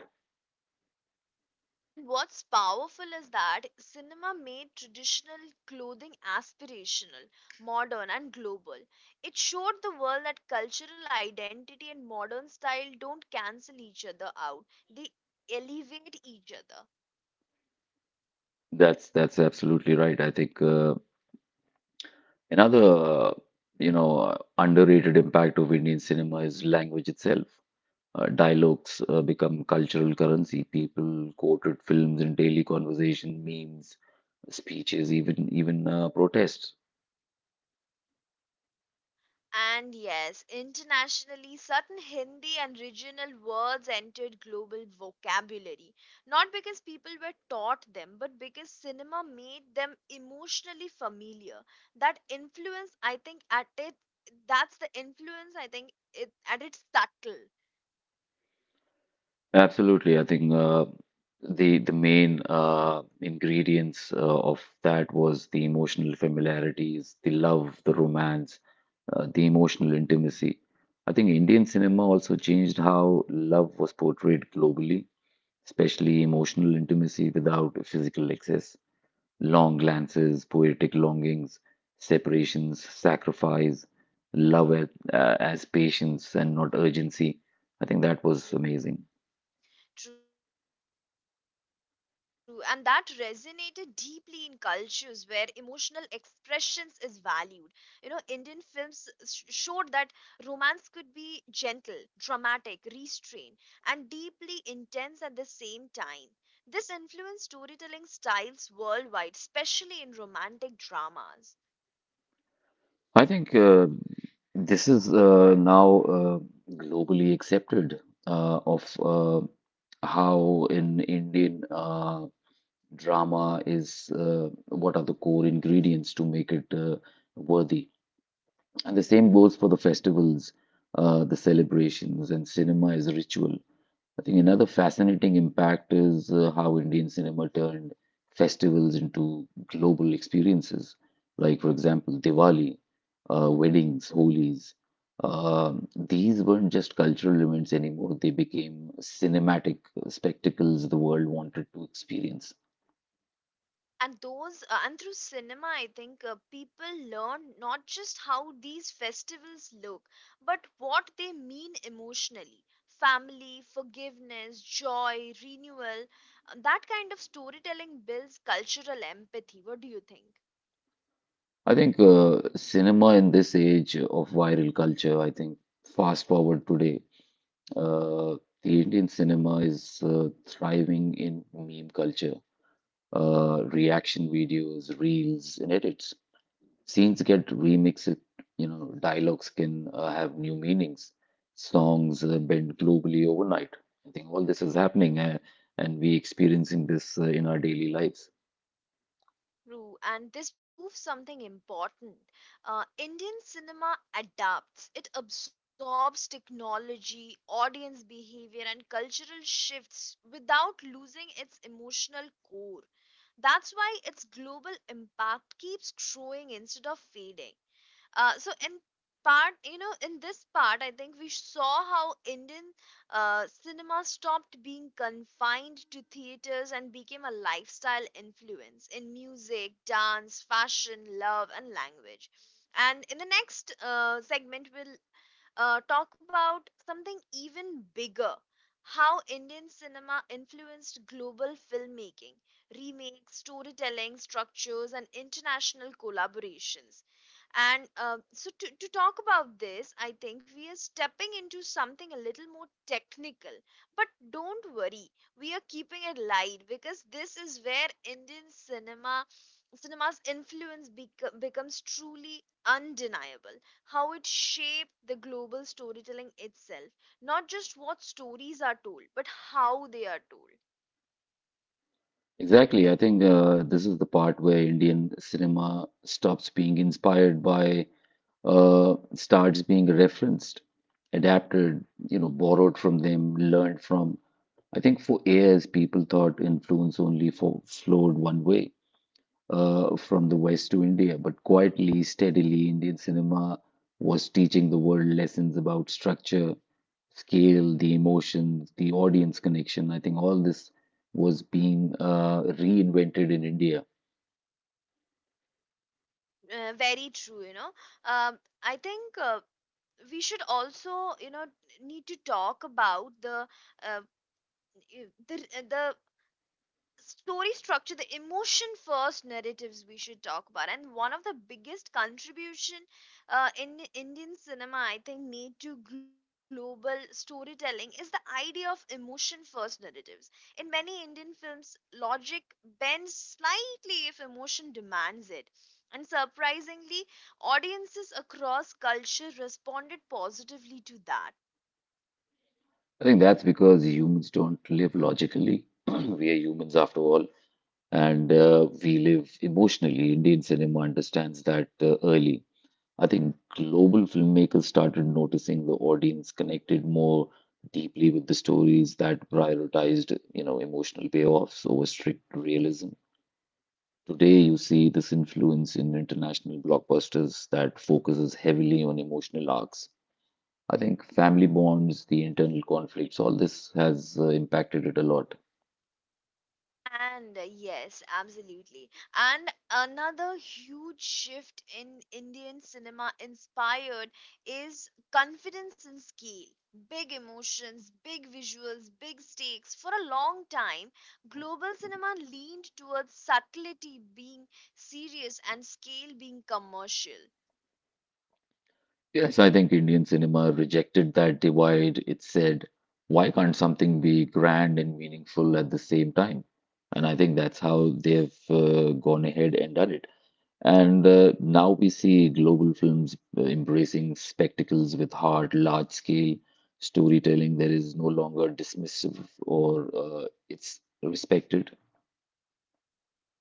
[SPEAKER 1] And what's powerful is that cinema made traditional clothing aspirational, modern, and global. It showed the world that cultural identity and modern style don't cancel each other out, they elevate each other.
[SPEAKER 2] That's absolutely right. I think another you know underrated impact of Indian cinema is language itself. Dialogues become cultural currency. People quoted films in daily conversation, memes, speeches, even even protests.
[SPEAKER 1] And yes, internationally, certain Hindi and regional words entered global vocabulary. Not because people were taught them, but because cinema made them emotionally familiar. That influence, I think, that's the influence, I think, at its subtle.
[SPEAKER 2] Absolutely, I think the main ingredients of that was the emotional familiarities, the love, the romance, the emotional intimacy. I think Indian cinema also changed how love was portrayed globally, especially emotional intimacy without physical excess. Long glances, poetic longings, separations, sacrifice, love as patience and not urgency. I think that was amazing.
[SPEAKER 1] True. True, and that resonated deeply in cultures where emotional expressions is valued. You know, Indian films showed that romance could be gentle, dramatic, restrained, and deeply intense at the same time. This influenced storytelling styles worldwide, especially in romantic dramas.
[SPEAKER 2] I think this is now globally accepted of how in Indian drama is what are the core ingredients to make it worthy. And the same goes for the festivals, the celebrations, and cinema as a ritual. I think another fascinating impact is how Indian cinema turned festivals into global experiences. Like, for example, Diwali, weddings, Holis. These weren't just cultural events anymore, they became cinematic spectacles the world wanted to experience.
[SPEAKER 1] And through cinema, I think, people learn not just how these festivals look, but what they mean emotionally: family, forgiveness, joy, renewal. That kind of storytelling builds cultural empathy. What do you think?
[SPEAKER 2] I think cinema in this age of viral culture, I think fast forward today, uh, the Indian cinema is thriving in meme culture, reaction videos, reels, and edits. Scenes get remixed, you know, dialogues can have new meanings, songs bend globally overnight. I think all this is happening and we experiencing this in our daily lives.
[SPEAKER 1] Roo? And this proves something important. Indian cinema adapts, it absorbs technology, audience behavior, and cultural shifts without losing its emotional core. That's why its global impact keeps growing instead of fading. So in this part, I think we saw how Indian cinema stopped being confined to theaters and became a lifestyle influence in music, dance, fashion, love, and language. And in the next segment, we'll talk about something even bigger: how Indian cinema influenced global filmmaking, remakes, storytelling, structures, and international collaborations. And so, to talk about this, I think we are stepping into something a little more technical. But don't worry, we are keeping it light, because this is where Indian cinema's influence becomes truly undeniable: how it shaped the global storytelling itself, not just what stories are told, but how they are told.
[SPEAKER 2] Exactly. I think this is the part where Indian cinema stops being inspired by, starts being referenced, adapted, you know, borrowed from them, learned from. I think for years, people thought influence only fo flowed one way, from the West to India, but quietly, steadily, Indian cinema was teaching the world lessons about structure, scale, the emotions, the audience connection. I think all this was being reinvented in India.
[SPEAKER 1] Very true. Um, I think we should also need to talk about the uh, i- the the story structure, the emotion first narratives we should talk about. And one of the biggest contribution in Indian cinema, I think, made to global storytelling is the idea of emotion first narratives. In many Indian films, logic bends slightly if emotion demands it. And surprisingly, audiences across culture responded positively to that.
[SPEAKER 2] I think that's because humans don't live logically. We are humans after all, and we live emotionally. Indian cinema understands that early. I think global filmmakers started noticing the audience connected more deeply with the stories that prioritized, you know, emotional payoffs over strict realism. Today, you see this influence in international blockbusters that focuses heavily on emotional arcs. I think family bonds, the internal conflicts, all this has impacted it a lot.
[SPEAKER 1] And yes, absolutely. And another huge shift in Indian cinema inspired is confidence and scale. Big emotions, big visuals, big stakes. For a long time, global cinema leaned towards subtlety being serious and scale being commercial.
[SPEAKER 2] Yes, I think Indian cinema rejected that divide. It said, why can't something be grand and meaningful at the same time? And I think that's how they've gone ahead and done it. And now we see global films embracing spectacles with heart, large scale storytelling that is no longer dismissive or it's respected.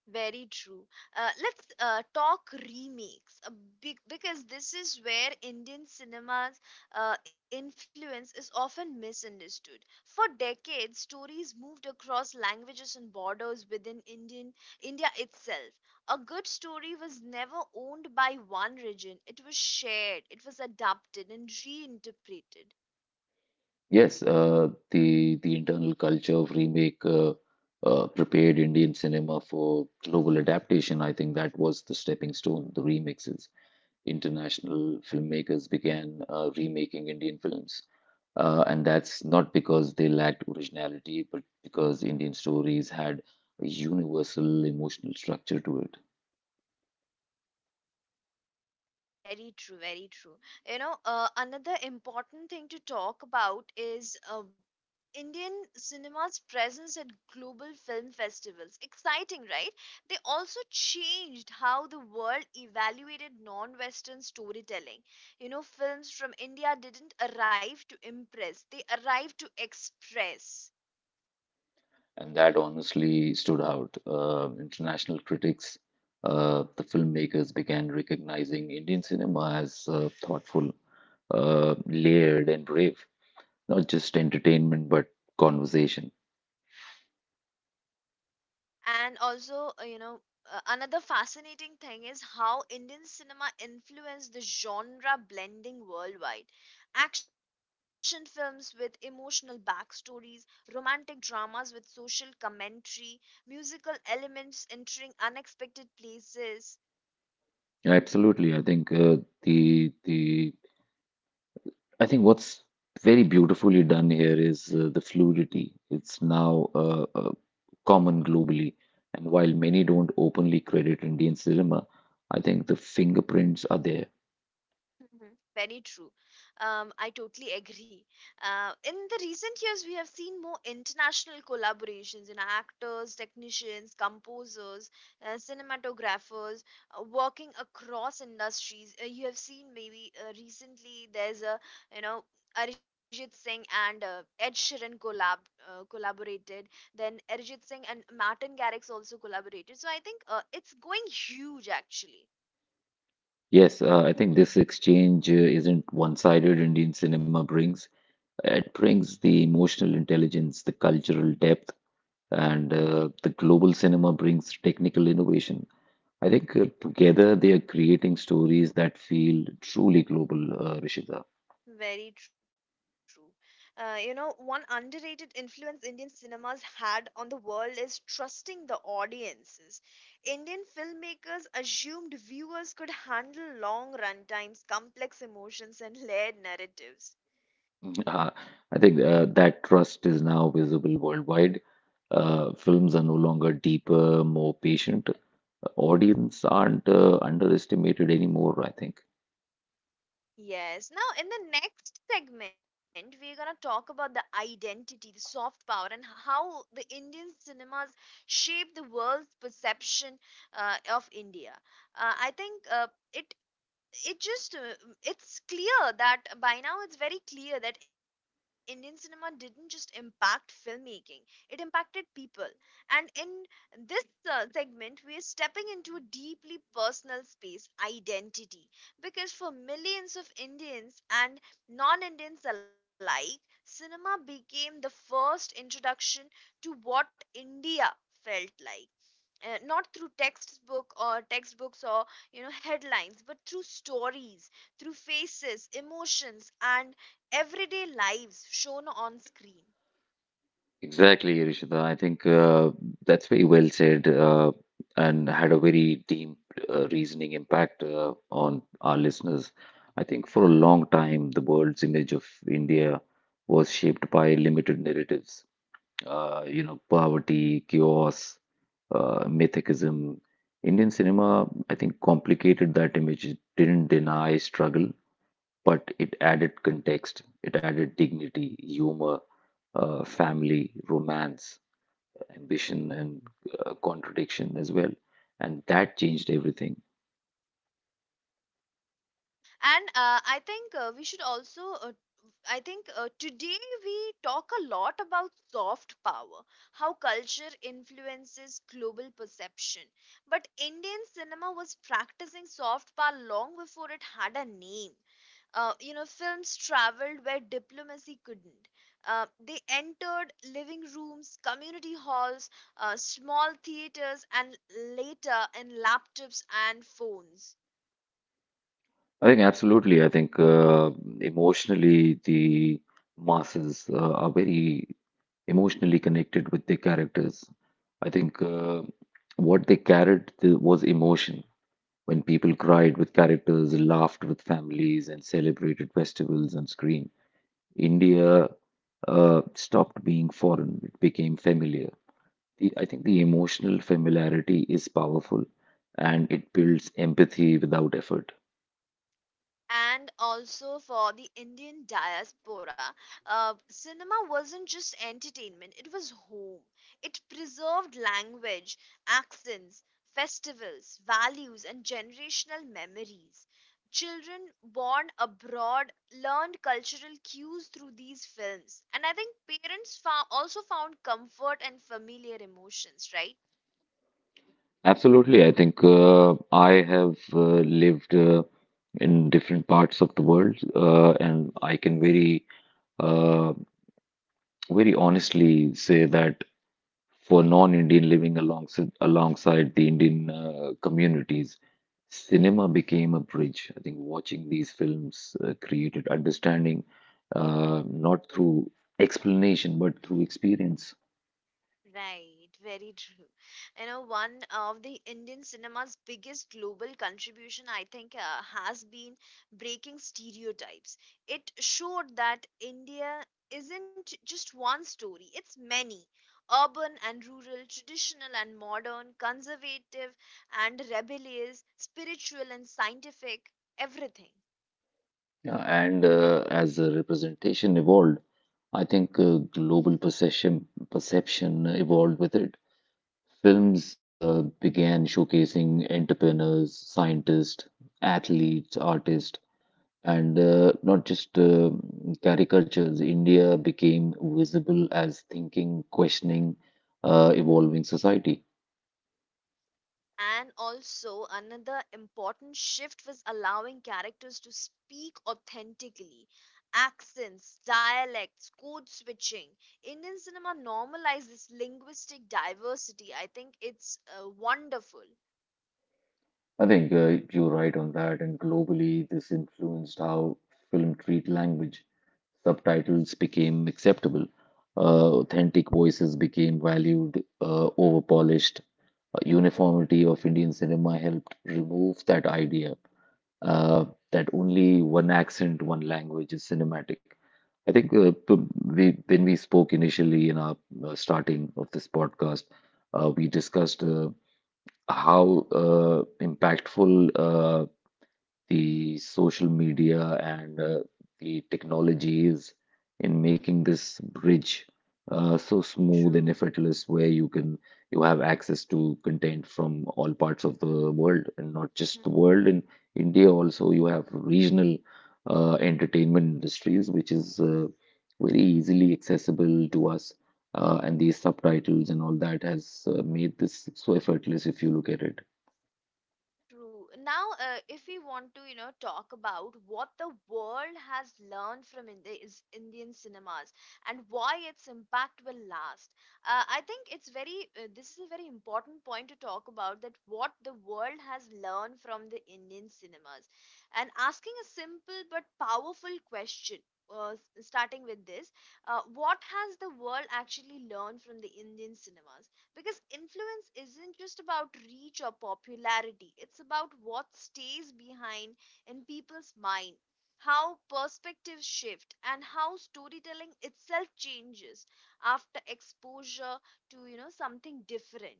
[SPEAKER 1] Very true. Let's talk remakes, because this is where Indian cinema's influence is often misunderstood. For decades, stories moved across languages and borders within India itself. A good story was never owned by one region. It was shared, it was adapted and reinterpreted.
[SPEAKER 2] Yes, the internal culture of remake prepared Indian cinema for global adaptation. I think that was the stepping stone, the remixes. International filmmakers began remaking Indian films, and that's not because they lacked originality, but because Indian stories had a universal emotional structure to it.
[SPEAKER 1] Very true, very true. You know, another important thing to talk about is Indian cinema's presence at global film festivals. Exciting, right? They also changed how the world evaluated non Western storytelling. You know, films from India didn't arrive to impress, they arrived to express.
[SPEAKER 2] And that honestly stood out. International critics, the filmmakers began recognizing Indian cinema as thoughtful, layered, and brave, not just entertainment but conversation.
[SPEAKER 1] And also, another fascinating thing is how Indian cinema influenced the genre blending worldwide: action films with emotional backstories, romantic dramas with social commentary, musical elements entering unexpected places.
[SPEAKER 2] Yeah, absolutely. I think the I think what's very beautifully done here is the fluidity. It's now common globally, and while many don't openly credit Indian cinema, I think the fingerprints are there.
[SPEAKER 1] Mhm. Very true. I totally agree. In the recent years, we have seen more international collaborations in actors, technicians, composers, cinematographers working across industries. You have seen, maybe recently, there's a you know Arijit Singh and Ed Sheeran collaborated. Then Arijit Singh and Martin Garrix also collaborated. So I think it's going huge actually.
[SPEAKER 2] Yes, I think this exchange isn't one-sided. Indian cinema brings it brings the emotional intelligence, the cultural depth, and the global cinema brings technical innovation. I think together they are creating stories that feel truly global, Rishita.
[SPEAKER 1] Very true. You know, one underrated influence Indian cinemas had on the world is trusting the audiences. Indian filmmakers assumed viewers could handle long runtimes, complex emotions, and layered narratives.
[SPEAKER 2] Mm-hmm. I think that trust is now visible worldwide. Films are no longer deeper, more patient. Audience aren't underestimated anymore, I think.
[SPEAKER 1] Yes. Now, in the next segment, we're going to talk about the identity, the soft power, and how the Indian cinemas shape the world's perception of India. I think it it just it's clear that by now it's very clear that Indian cinema didn't just impact filmmaking, it impacted people, and in this segment we are stepping into a deeply personal space, identity, because for millions of Indians and non-Indians alike, cinema became the first introduction to what India felt like, not through textbook or textbooks or headlines, but through stories, through faces, emotions, and everyday lives shown on screen.
[SPEAKER 2] Exactly, Rishita. I think that's very well said and had a very deep reasoning impact on our listeners. I think for a long time, the world's image of India was shaped by limited narratives, you know, poverty, chaos, mythicism. Indian cinema, I think, complicated that image. It didn't deny struggle, but it added context, it added dignity, humor, family, romance, ambition, and contradiction as well. And that changed everything.
[SPEAKER 1] And I think we should also I think today we talk a lot about soft power, how culture influences global perception. But Indian cinema was practicing soft power long before it had a name. You know, films traveled where diplomacy couldn't. They entered living rooms, community halls, small theaters, and later in laptops and phones.
[SPEAKER 2] I think absolutely. I think emotionally, the masses are very emotionally connected with their characters. I think what they was emotion. When people cried with characters, laughed with families, and celebrated festivals on screen, India stopped being foreign, it became familiar. I think the emotional familiarity is powerful and it builds empathy without effort.
[SPEAKER 1] And also for the Indian diaspora, cinema wasn't just entertainment, it was home. It preserved language, accents, festivals, values, and generational memories. Children born abroad learned cultural cues through these films, and I think also found comfort and familiar emotions, right?
[SPEAKER 2] Absolutely. I think I have lived in different parts of the world, and
[SPEAKER 1] Okay.
[SPEAKER 2] I can very, uh, very honestly say that for non-Indian living alongside the Indian communities, cinema became a bridge. I think watching these films created understanding, not through explanation but through experience.
[SPEAKER 1] Right, very true. You know, one of the Indian cinema's biggest global contribution, I think, has been breaking stereotypes. It showed that India isn't just one story, it's many: urban and rural, traditional and modern, conservative and rebellious, spiritual and scientific, everything.
[SPEAKER 2] Yeah, and as the representation evolved, I think global perception evolved with it. Films began showcasing entrepreneurs, scientists, athletes, artists. And not just caricatures, India became visible as thinking, questioning, evolving society.
[SPEAKER 1] And also, another important shift was allowing characters to speak authentically. Accents, dialects, code switching. Indian cinema normalizes linguistic diversity. I think it's wonderful.
[SPEAKER 2] I think you're right on that. And globally, this influenced how film treat language. Subtitles became acceptable. Authentic voices became valued over polished. Uniformity of Indian cinema helped remove that idea uh, that only one accent, one language is cinematic. I think we, when we spoke initially in our starting of this podcast, we discussed how
[SPEAKER 1] Mhm.
[SPEAKER 2] impactful the social media and the technologies in making this bridge so smooth and
[SPEAKER 1] True.
[SPEAKER 2] effortless where you have access to content from all parts of the world and not just the world. In India also you have regional entertainment industries which is very easily accessible to us, and these subtitles and all that has made this so effortless if you look at it.
[SPEAKER 1] True. Now, if we want to, you know, talk about what the world has learned from Indi- is Indian cinemas and why its impact will last, I think it's this is a very important point to talk about, that what the world has learned from the Indian cinemas. And asking a simple but powerful question. Starting with this, what has the world actually learned from the Indian cinemas? Because influence isn't just about reach or popularity, it's about what stays behind in people's mind, how perspectives shift, and how storytelling itself changes after exposure to, you know, something different.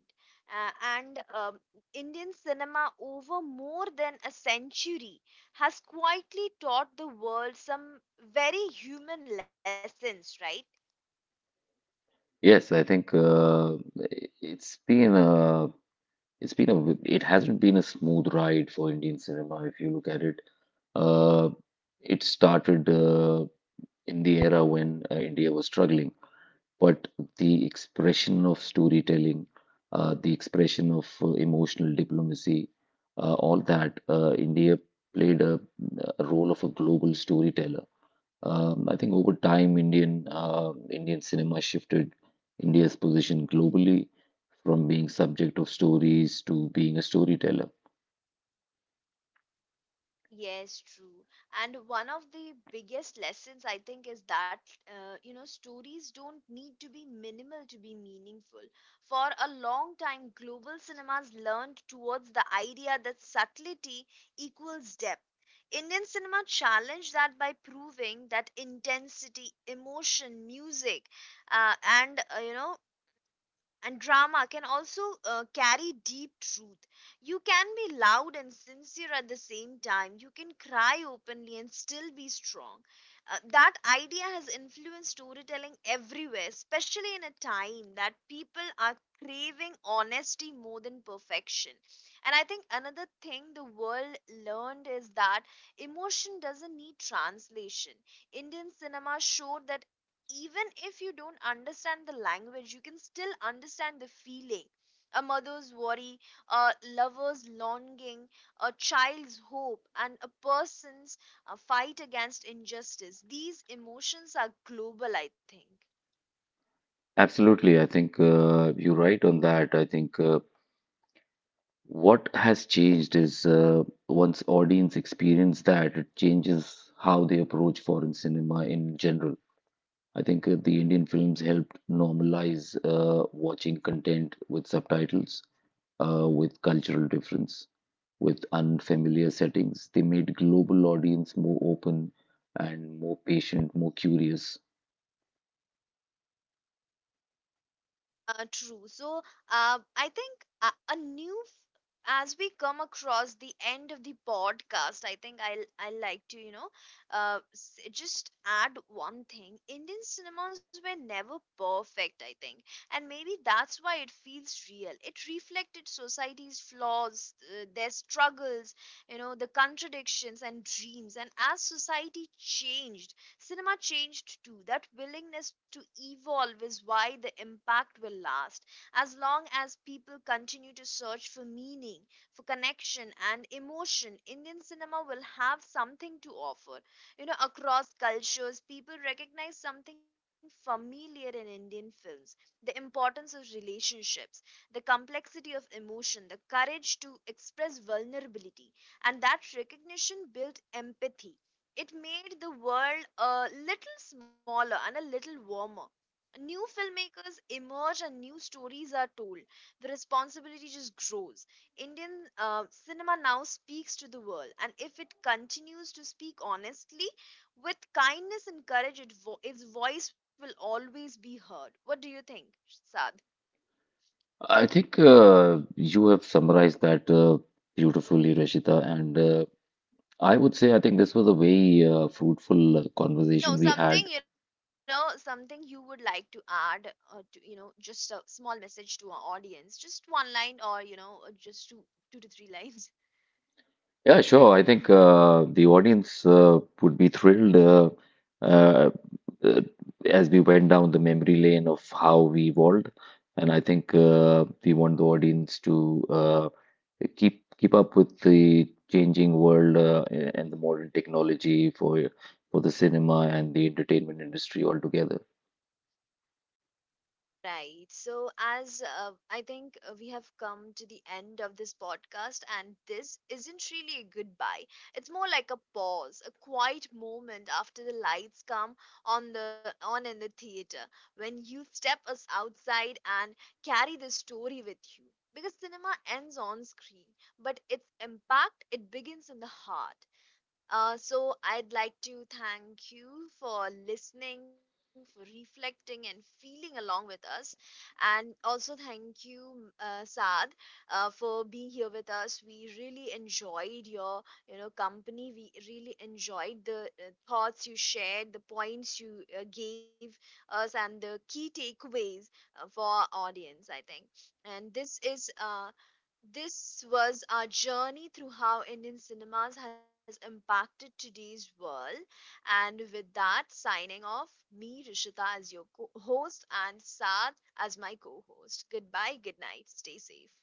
[SPEAKER 1] Uh, and Indian cinema, over more than a century, has quietly taught the world some very human lessons, right?
[SPEAKER 2] Yes, I think it's been a it's been a w- it has been a it has not been a smooth ride for Indian cinema if you look at it. Uh, it started in the era when India was struggling, but the expression of storytelling, the expression of emotional diplomacy, all that India played a role of a global storyteller. I think over time, Indian cinema shifted India's position globally from being subject of stories to being a storyteller.
[SPEAKER 1] Yes, true. And one of the biggest lessons, I think, is that, you know, stories don't need to be minimal to be meaningful. For a long time, global cinemas learned towards the idea that subtlety equals depth. Indian cinema challenged that by proving that intensity, emotion, music, uh, and you know and drama can also carry deep truth. You can be loud and sincere at the same time. You can cry openly and still be strong. That idea has influenced storytelling everywhere, especially in a time that people are craving honesty more than perfection. And I think another thing the world learned is that emotion doesn't need translation. Indian cinema showed that even if you don't understand the language, you can still understand the feeling. A mother's worry, a lover's longing, a child's hope, and a person's fight against injustice. These emotions are global, I think.
[SPEAKER 2] Absolutely, I think you're right on that. I think what has changed is once audience experience that, it changes how they approach foreign cinema in general. I think the Indian films helped normalize watching content with subtitles, with cultural difference, with unfamiliar settings. They made global audience more open and more patient, more curious.
[SPEAKER 1] True. So, I think a new, f- as we come across the end of the podcast, I think I like to, you know, just add one thing. Indian cinemas were never perfect, I think, and maybe that's why it feels real. It reflected society's flaws, their struggles, you know, the contradictions and dreams. And as society changed, cinema changed too. That willingness to evolve is why the impact will last. As long as people continue to search for meaning, for connection, and emotion, Indian cinema will have something to offer. You know, across cultures, people recognize something familiar in Indian films: the importance of relationships, the complexity of emotion, the courage to express vulnerability. And that recognition built empathy, it made the world a little smaller and a little warmer. New filmmakers emerge and new stories are told. The responsibility just grows. Indian cinema now speaks to the world, and if it continues to speak honestly, with kindness and courage, its voice will always be heard. What do you think, Sad?
[SPEAKER 2] I think you have summarized that beautifully, Rashita. And I would say I think this was a very fruitful
[SPEAKER 1] No,
[SPEAKER 2] conversation we
[SPEAKER 1] something,
[SPEAKER 2] had.
[SPEAKER 1] you know, something you would like to add to, you know, just a small message to our audience, just one line, or you know, just two to three lines.
[SPEAKER 2] Yeah, sure. I think the audience would be thrilled uh, uh, as we went down the memory lane of how we evolved, and I think we want the audience to keep up with the changing world and the modern technology for the cinema and the entertainment industry altogether.
[SPEAKER 1] Right. So, as I think we have come to the end of this podcast, and this isn't really a goodbye. It's more like a pause, a quiet moment after the lights come on the on in the theater, when you step us outside and carry the story with you. Because cinema ends on screen, but its impact, it begins in the heart. So, I'd like to thank you for listening, for reflecting, and feeling along with us. And also, thank you, Saad, for being here with us. We really enjoyed your, you know, company. We really enjoyed the thoughts you shared, the points you gave us, and the key takeaways for our audience. I think, and this is this was our journey through how Indian cinemas has impacted today's world. And with that, signing off, me, Rishita, as your co- host, and Saad as my co host. Goodbye, good night, stay safe.